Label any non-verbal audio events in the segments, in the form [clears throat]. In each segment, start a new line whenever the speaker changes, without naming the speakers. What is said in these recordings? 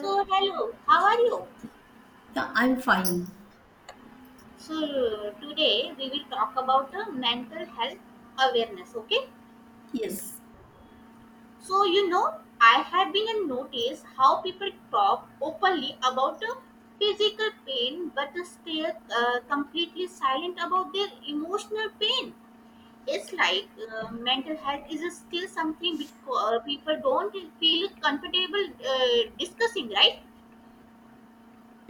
So, hello, how are you?
Yeah, I'm fine.
So, today we will talk about the mental health awareness, okay?
Yes.
So, you know, I have been and noticed how people talk openly about the physical pain but stay completely silent about their emotional pain. It's like mental health is still something because, people don't feel comfortable discussing, right?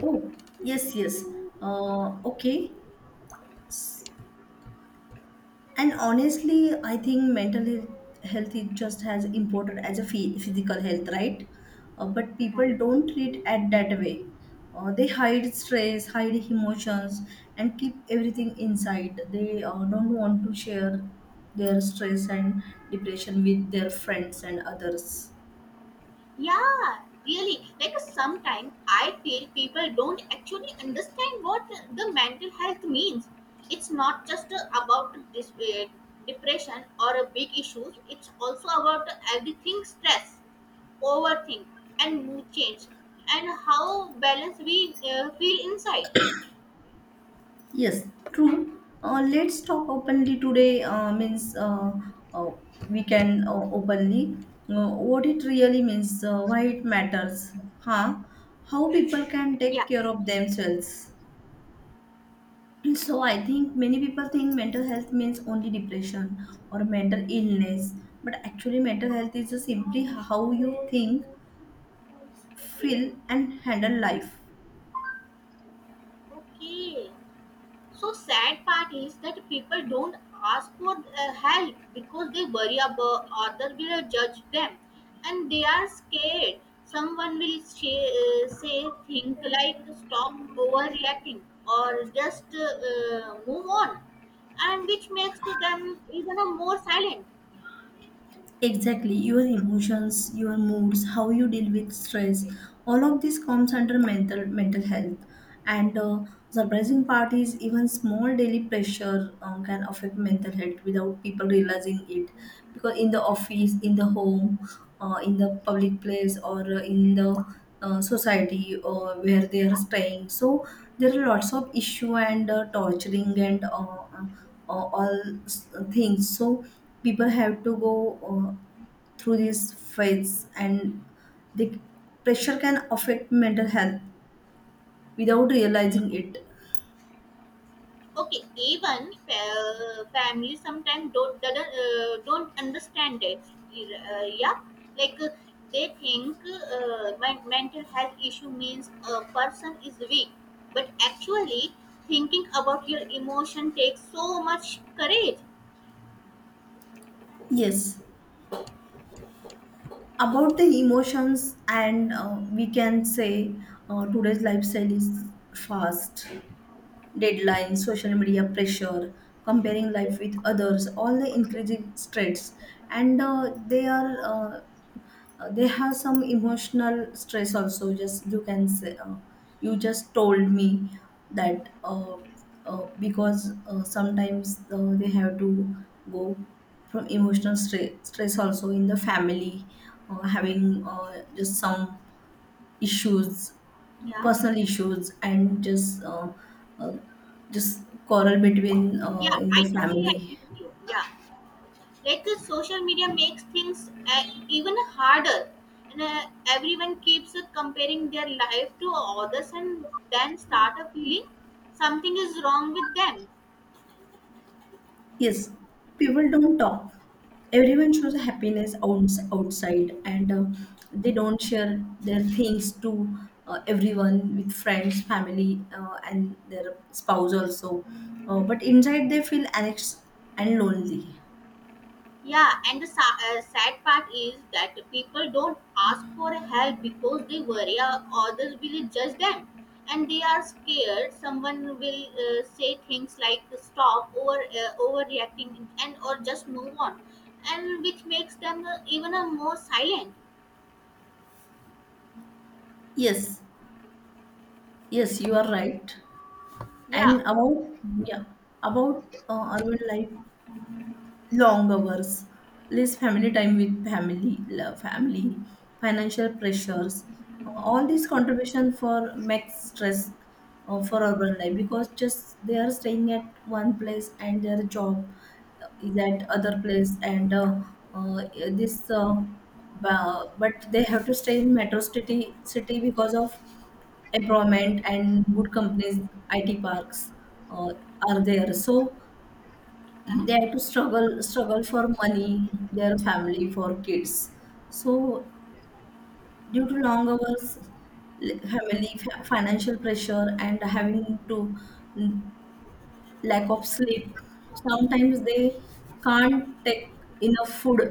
Oh, yes. Okay. And honestly, I think health is just as important as a physical health, right? But
Right.
people don't treat it that way. They hide stress, hide emotions, and keep everything inside. They don't want to share their stress and depression with their friends and others.
Yeah, really. Like sometimes I feel people don't actually understand what the mental health means. It's not just about this depression or a big issues. It's also about everything stress, overthink, and mood change, and how balanced we feel inside.
Yes, true. Let's talk openly today. Means uh, we can openly what it really means, why it matters, huh? How people can
Yeah.
take care of themselves. [clears throat] So I think many people think mental health means only depression or mental illness, but actually mental health is just simply how you think,
Great.
feel, and handle life.
Okay. So sad part is that people don't ask for help because they worry about others will judge them, and they are scared. Someone will say, think like stop overreacting or just move on, and which makes them even a more silent.
Exactly, your emotions, your moods, how you deal with stress, all of this comes under mental health. And surprising part is even small daily pressure can affect mental health without people realizing it. Because in the office, in the home, in the public place, or in the society where they are staying, so there are lots of issue and torturing and uh, all things. So people have to go through these fights and the pressure can affect mental health without realizing it.
Okay, even family sometimes don't doesn't, don't understand it. Yeah, like they think mental health issue means a person is weak, but actually thinking about your emotion takes so much courage.
Yes, about the emotions, and we can say today's lifestyle is fast deadlines, social media pressure, comparing life with others, all the increasing stress. And they have some emotional stress also. Just you can say, you just told me that because sometimes they have to go from emotional stress also in the family, having just some issues,
Yeah,
personal issues, and just uh, just quarrel between
yeah,
in
I
the
totally
family.
agree with you. Yeah. Like social media makes things even harder and everyone keeps comparing their life to others and then start a feeling something is wrong with them.
Yes, people don't talk. Everyone shows happiness outside, and they don't share their things to everyone, with friends, family, and their spouse also. But inside they feel anxious and lonely.
Yeah, and the sad part is that people don't ask for help because they worry others will judge them, and they are scared someone will say things like stop or overreacting and or just move on, and which makes them even more silent.
Yes, yes, you are right.
Yeah,
And about, yeah, about urban life, long hours, less family time, with family, love family, financial pressures. All these contribution for max stress for urban life, because just they are staying at one place and their job is at other place, and uh, this uh, but they have to stay in metro city because of employment and good companies, IT parks uh, are there. So they have to struggle for money, their family, for kids, so due to long hours, financial pressure, and having to mm, lack of sleep, sometimes they can't take enough food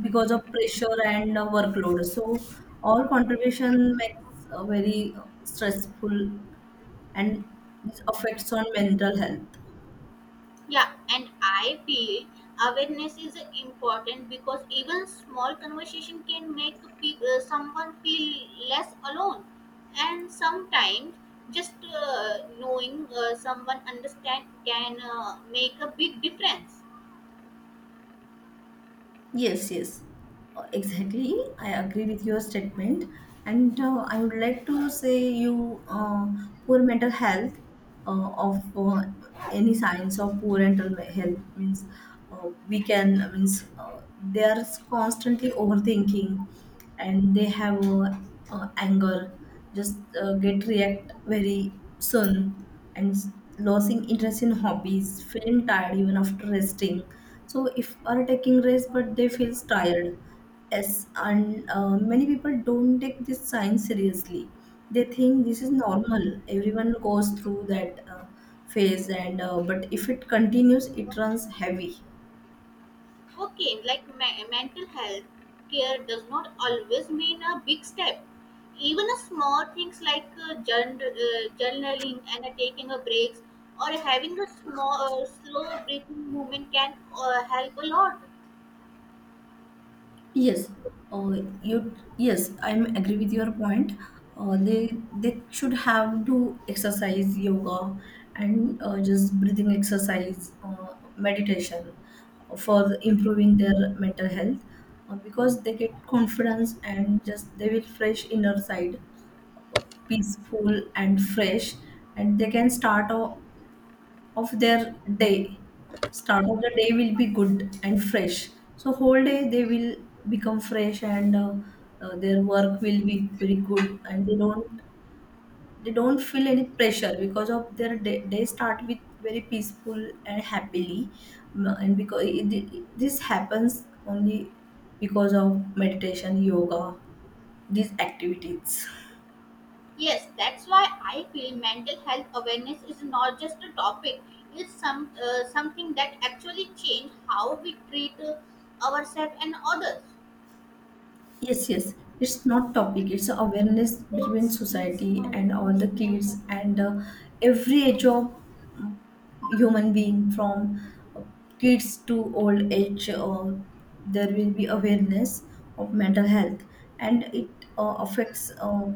because of pressure and workload, so all contribution makes a very stressful, and this affects on mental health.
yeah, and I feel awareness is important because even small conversation can make someone feel less alone. And sometimes just knowing someone understand can make a big difference.
Yes, yes. Exactly. I agree with your statement, and I would like to say you poor mental health of any signs of poor health means we can means they are constantly overthinking, and they have anger, just get react very soon, and losing interest in hobbies, feeling tired even after resting. So if are taking rest but they feels tired. Yes, and many people don't take this science seriously. They think this is normal, everyone goes through that phase, and but if it continues, it runs heavy.
Okay, like mental health care does not always mean a big step. Even a small things like journaling and taking a breaks or having a small, slow breathing movement can help a lot.
Yes, uh, you. Yes, I am agree with your point. They should have to exercise, yoga, and just breathing exercise, meditation, for improving their mental health, because they get confidence and just they will fresh inner side, peaceful and fresh, and they can start a of their day. Start of the day will be good and fresh. So whole day they will become fresh, and their work will be very good, and they don't, they don't feel any pressure because of their day. They start with very peaceful and happily. Mm, and because this happens only because of meditation, yoga, these activities.
Yes, that's why I feel mental health awareness is not just a topic. It's something that actually change how we treat ourselves and others.
Yes, yes. It's not topic. It's awareness between society and all the kids, and every age of human being from uh, kids to old age. There will be awareness of mental health, and it affects. Uh,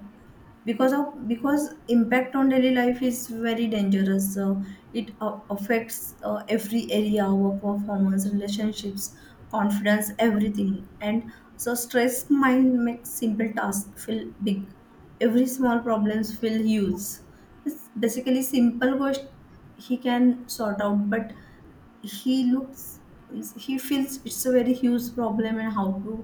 because of Because impact on daily life is very dangerous, so it affects every area, our performance, relationships, confidence, everything. And so stress mind makes simple tasks feel big, every small problems feel huge. It's basically simple question he can sort out, but he looks, he feels it's a very huge problem, and how to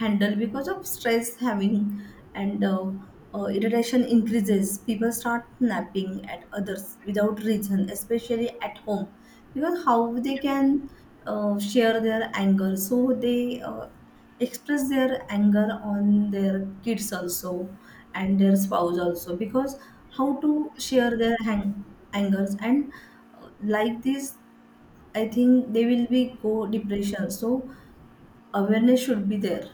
handle because of stress having. And irritation increases, people start snapping at others without reason, especially at home, because how they can share their anger. So they express their anger on their kids also, and their spouse also, because how to share their angers. And like this I think they will be go depression. So awareness should be there.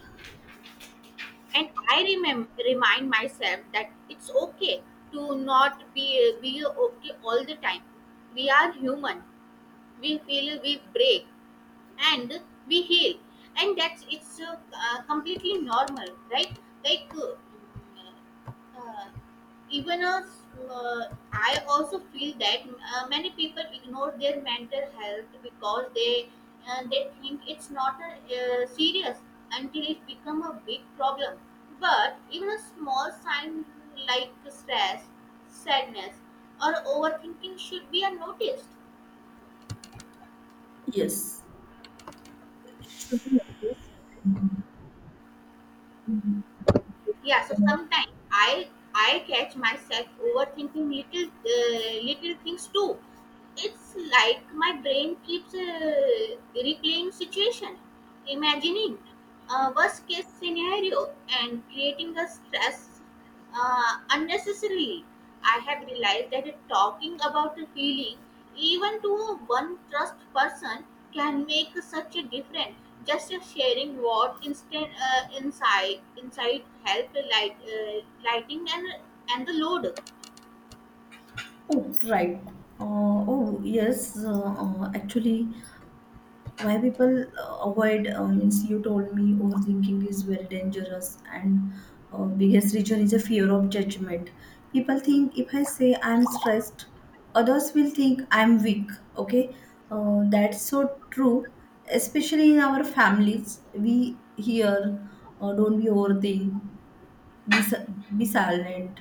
And I remind myself that it's okay to not be okay all the time. We are human. We feel, we break, and we heal. And that's it's completely normal, right? Like uh, even as, uh, I also feel that many people ignore their mental health because they think it's not serious until it become a big problem. But even a small sign like stress, sadness, or overthinking should be noticed.
Yes. Should be. Mhm.
Yeah, so sometimes I catch myself overthinking little things too. It's like my brain keeps replaying situation, imagining a worst case scenario and creating a stress unnecessarily. I have realized that talking about the feeling, even to one trust person, can make such a difference. Just sharing what instant insight insight help light lighting and the load.
Oh, right. Oh, yes. Actually, why people avoid, means you told me overthinking is very dangerous. And biggest reason is a fear of judgment. People think if I say I'm stressed, others will think I'm weak. Okay. That's so true, especially in our families. We hear, don't be overthink, be silent,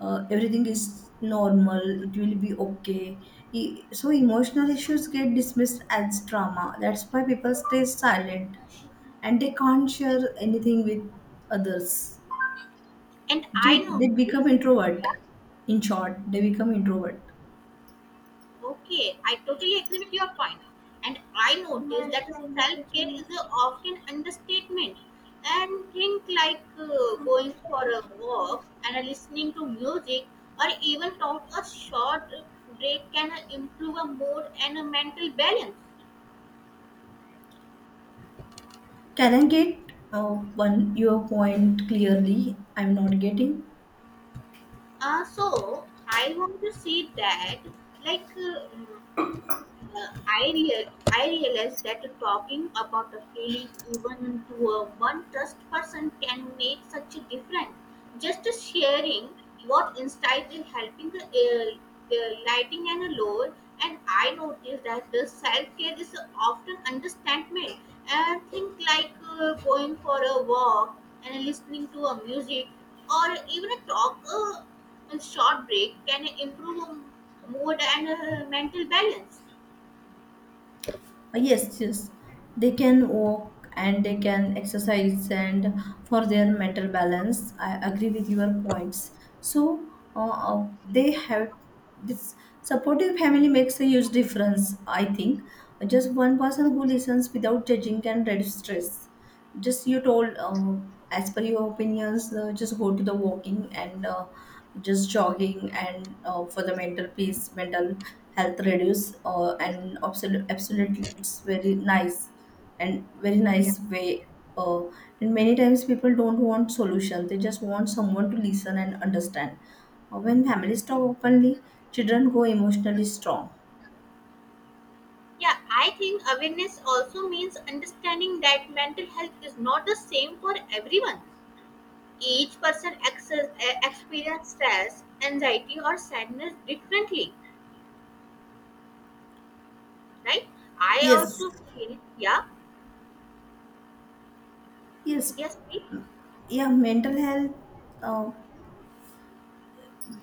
everything is normal, it will be okay. So emotional issues get dismissed as trauma. That's why people stay silent and they can't share anything with others.
And I
They become
noticed,
introvert.
yeah.
In short, they become introvert.
Okay, I totally agree with your point. And I notice that self care is a often understatement. And think like going for a walk and listening to music, or even talk a short break can improve a mood and a mental balance.
Can I get uh, one your point clearly, I'm not getting.
So I want to see that like. I, I realized that talking about a feeling even to a one trust person can make such a difference. Just sharing what insight is helping the lighting and a load. And I noticed that the self care is often understatement. And think like going for a walk and listening to a music or even a talk, a short break can improve mood and mental balance.
Yes, yes, they can walk and they can exercise, and for their mental balance I agree with your points. So they have this supportive family makes a huge difference, I think. Just one person who listens without judging can reduce stress. Just you told, as per your opinions, just go to the walking, and just jogging, and for the mental peace, mental health reduce, and absolutely, absolutely it's very nice, and very nice way. uh, and many times people don't want solution, they just want someone to listen and understand. When families talk openly, children go emotionally strong.
Yeah, I think awareness also means understanding that mental health is not the same for everyone. Each person experience stress, anxiety, or sadness differently, right? I
Yes,
also feel, yeah,
yes.
yes, please.
Yeah, mental health uh,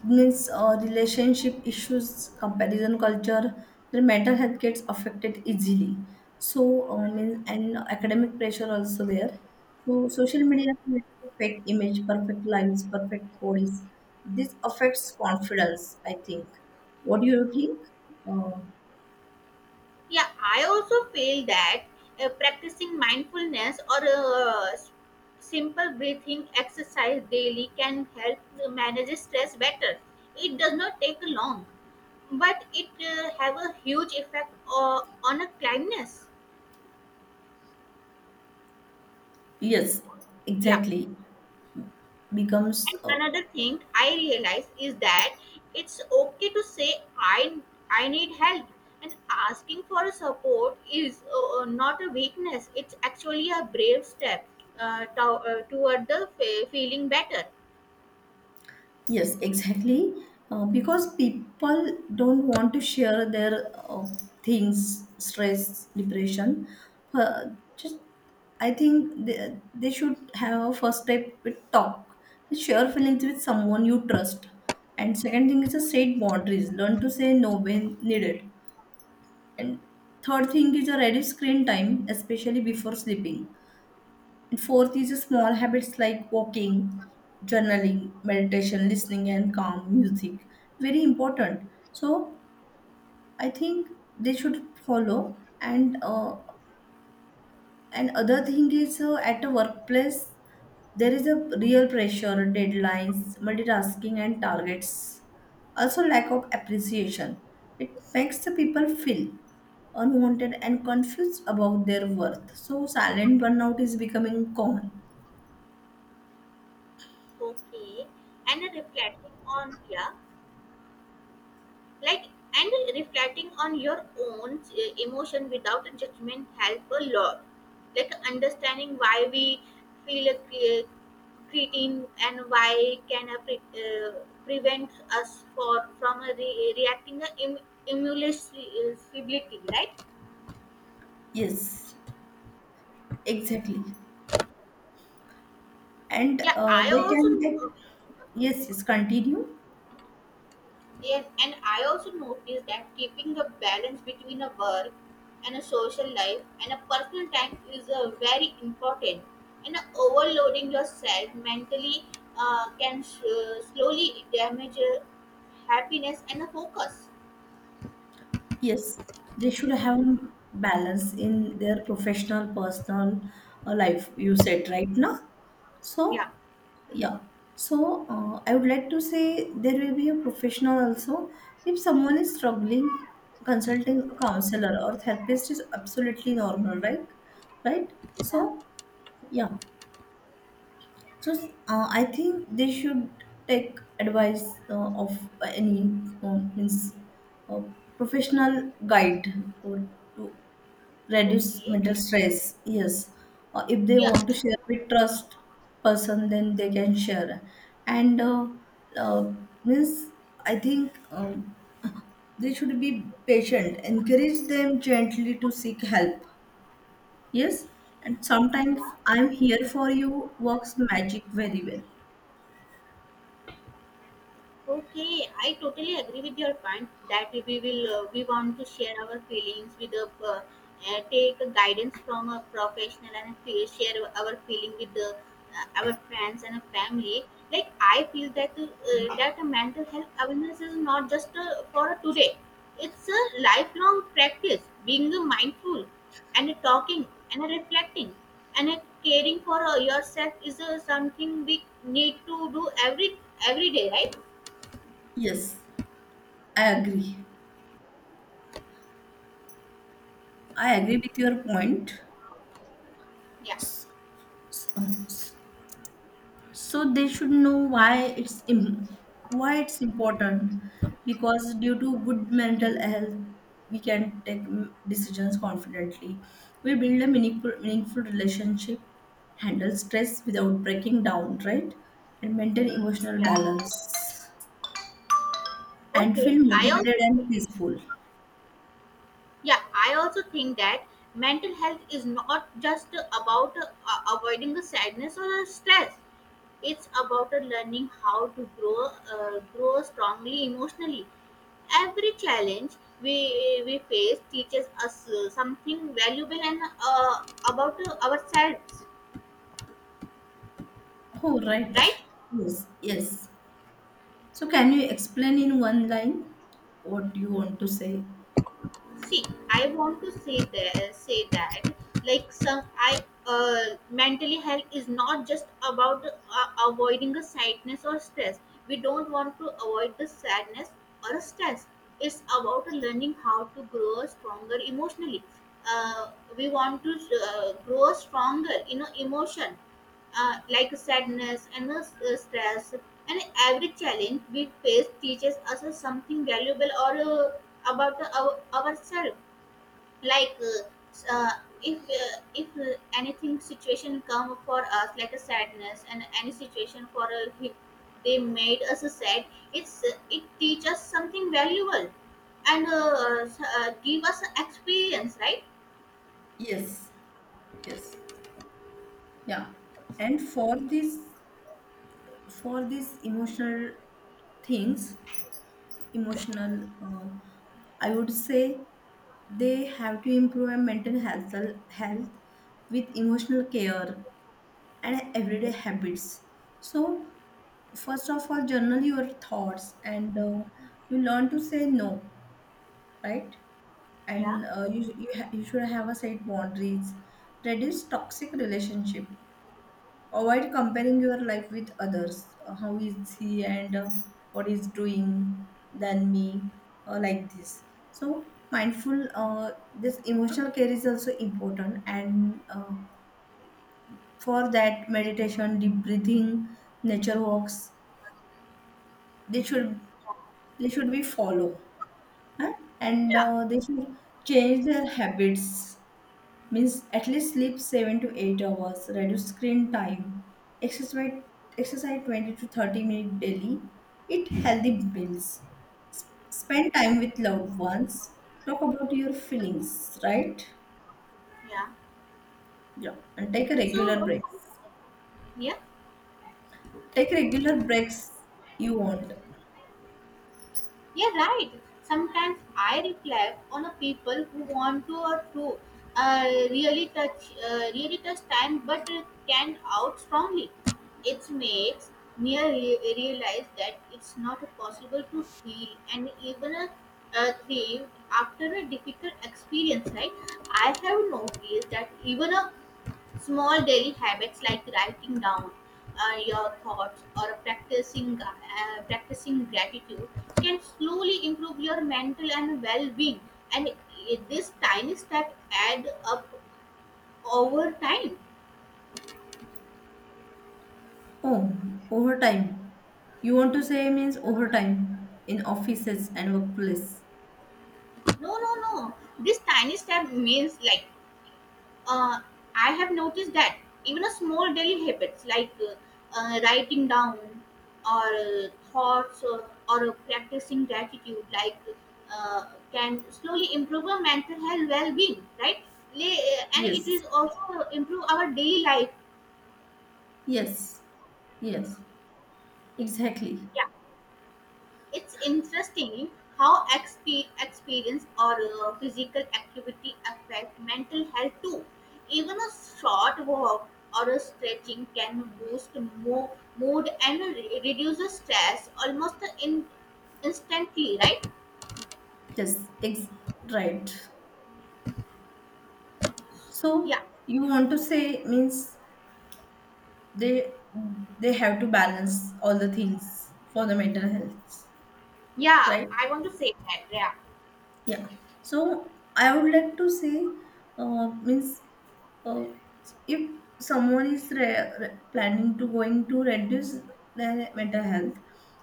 means relationship issues, comparison culture. Their mental health gets affected easily. So, means and academic pressure also there. So, social media creates perfect image, perfect lines, perfect bodies. This affects confidence, I think. What do you think? Uh,
Yeah, I also feel that practicing mindfulness or simple breathing exercise daily can help manage stress better. It does not take long, but it have a huge effect on a kindness.
yes,
Yeah.
exactly. Becomes
And another thing I realize is that it's okay to say I need help, and asking for support is not a weakness. It's actually a brave step uh, to, toward the fe feeling better.
Yes, exactly. Because people don't want to share their things, stress, depression. Uh, just, I think they should have a first step with talk, with share feelings with someone you trust. And second thing is a set boundaries. Learn to say no when needed. And third thing is a reduce screen time, especially before sleeping. And fourth is the small habits like walking, journaling, meditation, listening, and calm music. Very important. So I think they should follow. And other thing is at a workplace there is a real pressure, deadlines, multitasking, and targets. Also, lack of appreciation. It makes the people feel unwanted and confused about their worth. So, silent burnout is becoming common.
Okay, and reflecting on, yeah. Like, and reflecting on your own emotion without judgment help a lot, like understanding why we feel a creatine and why can a prevent us for from a reacting a immunosuicidity, right?
Yes. Exactly. And
Yeah, I
they
also
can
know.
take, yes, yes, continue.
Yes, and I also noticed that keeping a balance between a work and a social life and a personal time is very important. And overloading yourself mentally can s slowly damage happiness and the focus.
Yes, they should have balance in their professional, personal life, you said, right now?
Yeah.
So, yeah. So, I would like to say there will be a professional also. If someone is struggling, consulting a counselor or therapist is absolutely normal, right? Right?
Yeah.
So, yeah. So I think they should take advice of any means uh, professional guide or to reduce
Okay.
mental stress. Yes, if they
Yeah.
want to share with trust person, then they can share. And uh, means I think, they should be patient. Encourage them gently to seek help. Yes, and sometimes
Yeah.
I'm here for you works magic very well.
Okay, I totally agree with your point that we will we want to share our feelings with the take a guidance from a professional and feel, share our feeling with the our friends and a family. Like I feel that a mental health awareness is not just for today; it's a lifelong practice. Being mindful and talking and reflecting and caring for yourself is something we need to do every day, right?
Yes, I agree. I agree with your point.
Yeah,
So, so they should know why it's important, because due to good mental health, we can take, decisions confidently. We build a meaningful relationship, handle stress without breaking down, right? And maintain emotional
yeah.
balance and
Okay.
feel motivated and peaceful.
I also think that mental health is not just about avoiding the sadness or the stress. It's about learning how to grow strongly emotionally. Every challenge we face teaches us something valuable and about ourselves,
Oh, right.
right?
Yes, yes. So, can you explain in one line what you want to say?
See, I want to say that like some I mentally health is not just about avoiding a sadness or stress. We don't want to avoid the sadness or stress. It's about learning how to grow stronger emotionally. uh, we want to grow stronger in a emotion like sadness and stress. And every challenge we face teaches us something valuable or about ourselves. Like if anything situation come for us like a sadness and any situation for they made us sad, it's it teaches us something valuable and give us experience, right?
Yes, yes. Yeah. And for this, for these emotional things, emotional, I would say they have to improve health with emotional care and everyday habits. So, first of all, journal your thoughts, and you learn to say no, right?
Yeah,
And you sh- you, ha- you should have a set boundaries, reduce toxic relationship, avoid comparing your life with others. How is he, and what is doing than me, like this. So mindful, this emotional care is also important. And for that, meditation, deep breathing, nature walks, they should, they should be follow, huh? And
yeah,
they should change their habits, means at least sleep 7 to 8 hours, reduce screen time, exercise exercise 20 to 30 minutes daily, eat healthy meals, spend time with loved ones, talk about your feelings, right?
yeah.
Yeah, and take a regular
So
breaks.
yeah.
Take regular breaks, you want.
Yeah, right. Sometimes I reflect on the people who want to or to uh, really touch time, but can out strongly. It makes me realize that it's not possible to heal and even thrive after a difficult experience, right? I have noticed that even a small daily habits like writing down your thoughts or practicing gratitude can slowly improve your mental and well-being. And this tiny step add up over time.
Oh, overtime. You want to say means overtime in offices and workplace.
No, no, no. This tiny step means like, uh, I have noticed that even a small daily habits like writing down or thoughts or practicing gratitude, like can slowly improve our mental health well-being, right? And it
Yes,
is also improve our daily life.
yes, yes, exactly.
Yeah. It's interesting how experience or physical activity affect mental health too. Even a short walk or a stretching can boost mood and reduce the stress almost in- instantly, right?
Yes, right.
Yeah,
So you want to say means they they have to balance all the things for the mental health,
yeah.
right?
I want to say that. Yeah.
Yeah. So I would like to say means uh, if someone is planning to going to reduce their mental health,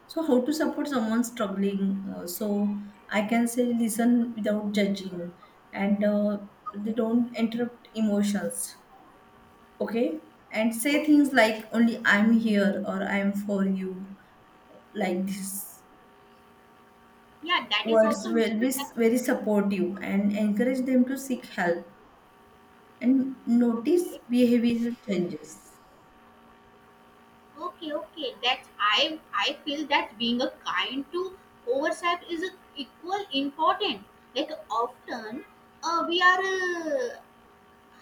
so how to support someone struggling? So I can say listen without judging, and they don't interrupt emotions. Okay. And say
Okay.
things like only I'm here or I'm for you, like this.
Yeah, that is
Words
also makes
will
sense.
be very supportive, and encourage them to seek help and notice
Okay.
behavioral changes.
Okay, okay. That's, I feel that being a kind to ourselves is a equal important. Like often, we are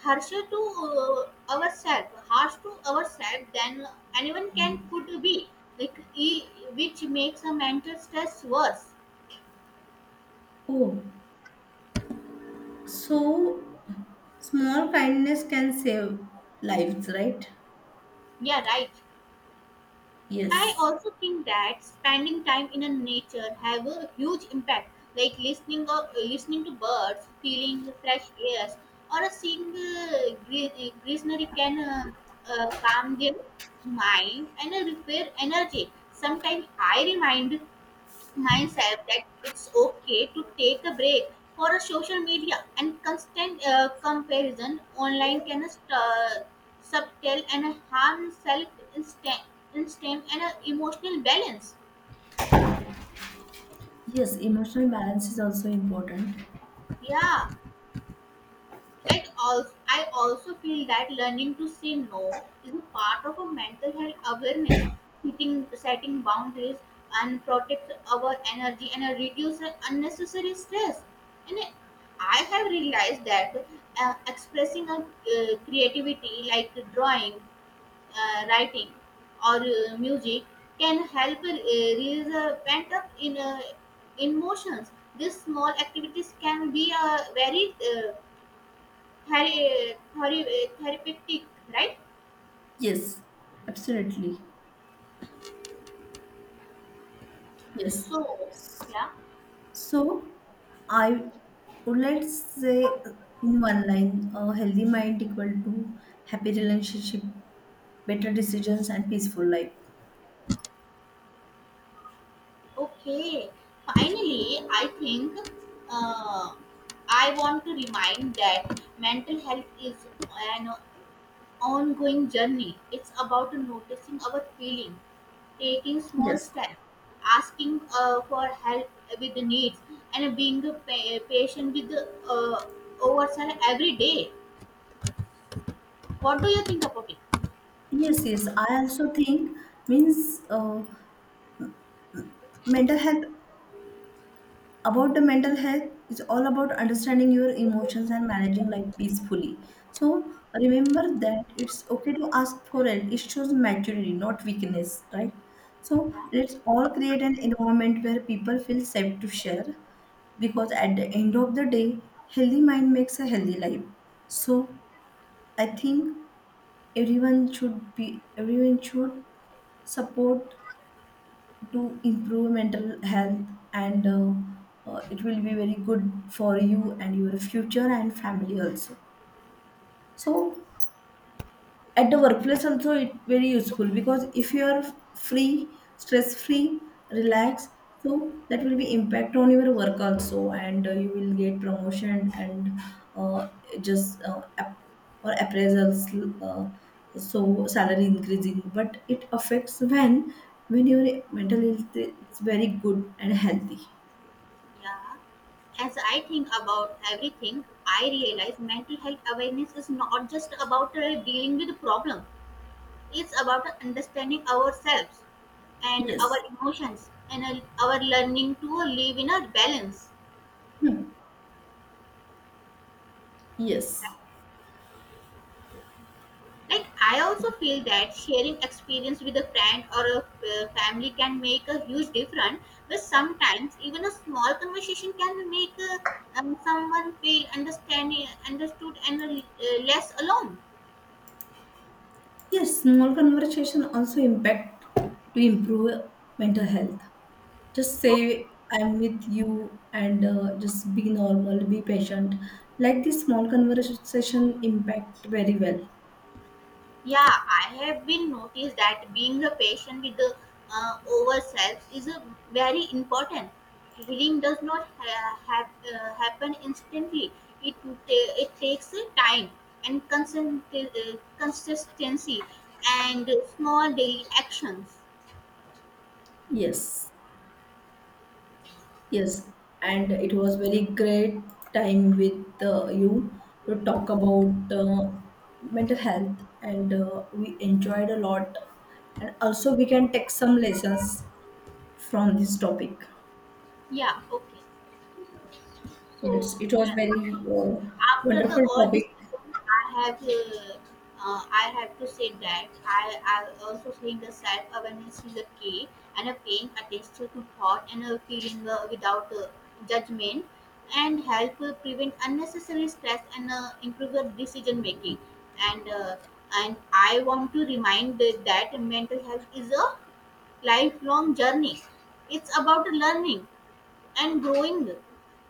harsh to ourselves, harsh to ourselves than anyone can could be. Like e- which makes a mental stress worse.
Oh, so small kindness can save lives, right?
Yeah, right. I
Yes,
also think that spending time in a nature have a huge impact, like listening to birds, feeling the fresh air, or a seeing greenery can calm their mind and repair energy. Sometimes I remind myself that it's okay to take a break for a social media, and constant comparison online can subtle and harm self instinct and emotional balance.
yes, emotional balance is also important.
Yeah. It also, I also feel that learning to say no is a part of a mental health awareness, setting boundaries and protect our energy and reduce unnecessary stress. And I have realized that expressing our creativity like drawing, writing, or music can help release pent up in emotions. These small activities can be a very therapeutic, right?
Yes, absolutely, yes.
So, yeah.
So, I would, let's say in one line, a healthy mind equal to happy relationship, better decisions, and peaceful life.
Okay. Finally, I think uh, I want to remind that mental health is an ongoing journey. It's about noticing our feelings, taking small
Yes.
steps, asking for help with the needs, and being a patient with the ourselves every day. What do you think about it?
Yes, yes. I also think means, mental health, about the mental health, is all about understanding your emotions and managing life peacefully. So remember that it's okay to ask for help. It shows maturity, not weakness, right? So
Yeah.
let's all create an environment where people feel safe to share, because at the end of the day, healthy mind makes a healthy life. So I think everyone should support to improve mental health, and it will be very good for you and your future and family also. So at the workplace also it very useful, because if you are free, stress free, relaxed, so that will be impact on your work also. And you will get promotion and uh, just or appraisals, uh, so salary increasing. But it affects when your mental health is very good and healthy.
Yeah. As I think about everything, I realize mental health awareness is not just about dealing with the problem. It's about understanding ourselves and our
Yes.
emotions and our learning to live in a balance.
Hmm. Yes.
Like I also feel that sharing experience with a friend or a family can make a huge difference. But sometimes even a small conversation can make someone feel understanding, understood, and less alone.
Yes, small conversation also impact to improve mental health. Just
Okay.
say I'm with you, and just be normal, be patient. Like this, small conversation impact very well.
Yeah, I have been noticed that being a patient with the ourselves is a very important. Healing does not happen instantly. It it takes a time and consistency and small daily actions.
Yes, yes, and it was very great time with you to talk about mental health, and we enjoyed a lot, and also we can take some lessons from this topic.
Yeah. Okay. So
Yes, it was very
after the
wonderful
all
topic.
discussion, I have to say that I also think the self awareness is a key, and a paying attention to thought and a feeling without judgment and help prevent unnecessary stress and improve the decision making and uh, and I want to remind that mental health is a lifelong journey. It's about learning and growing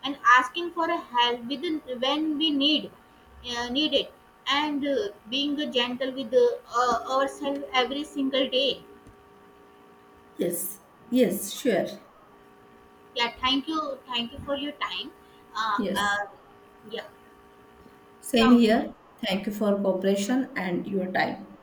and asking for a help with when we need need it and being gentle with ourselves every single day.
Yes, yes, sure.
Yeah, thank you for your time. uh,
Yes.
uh, yeah,
Same
so
here. Thank you for cooperation and your time.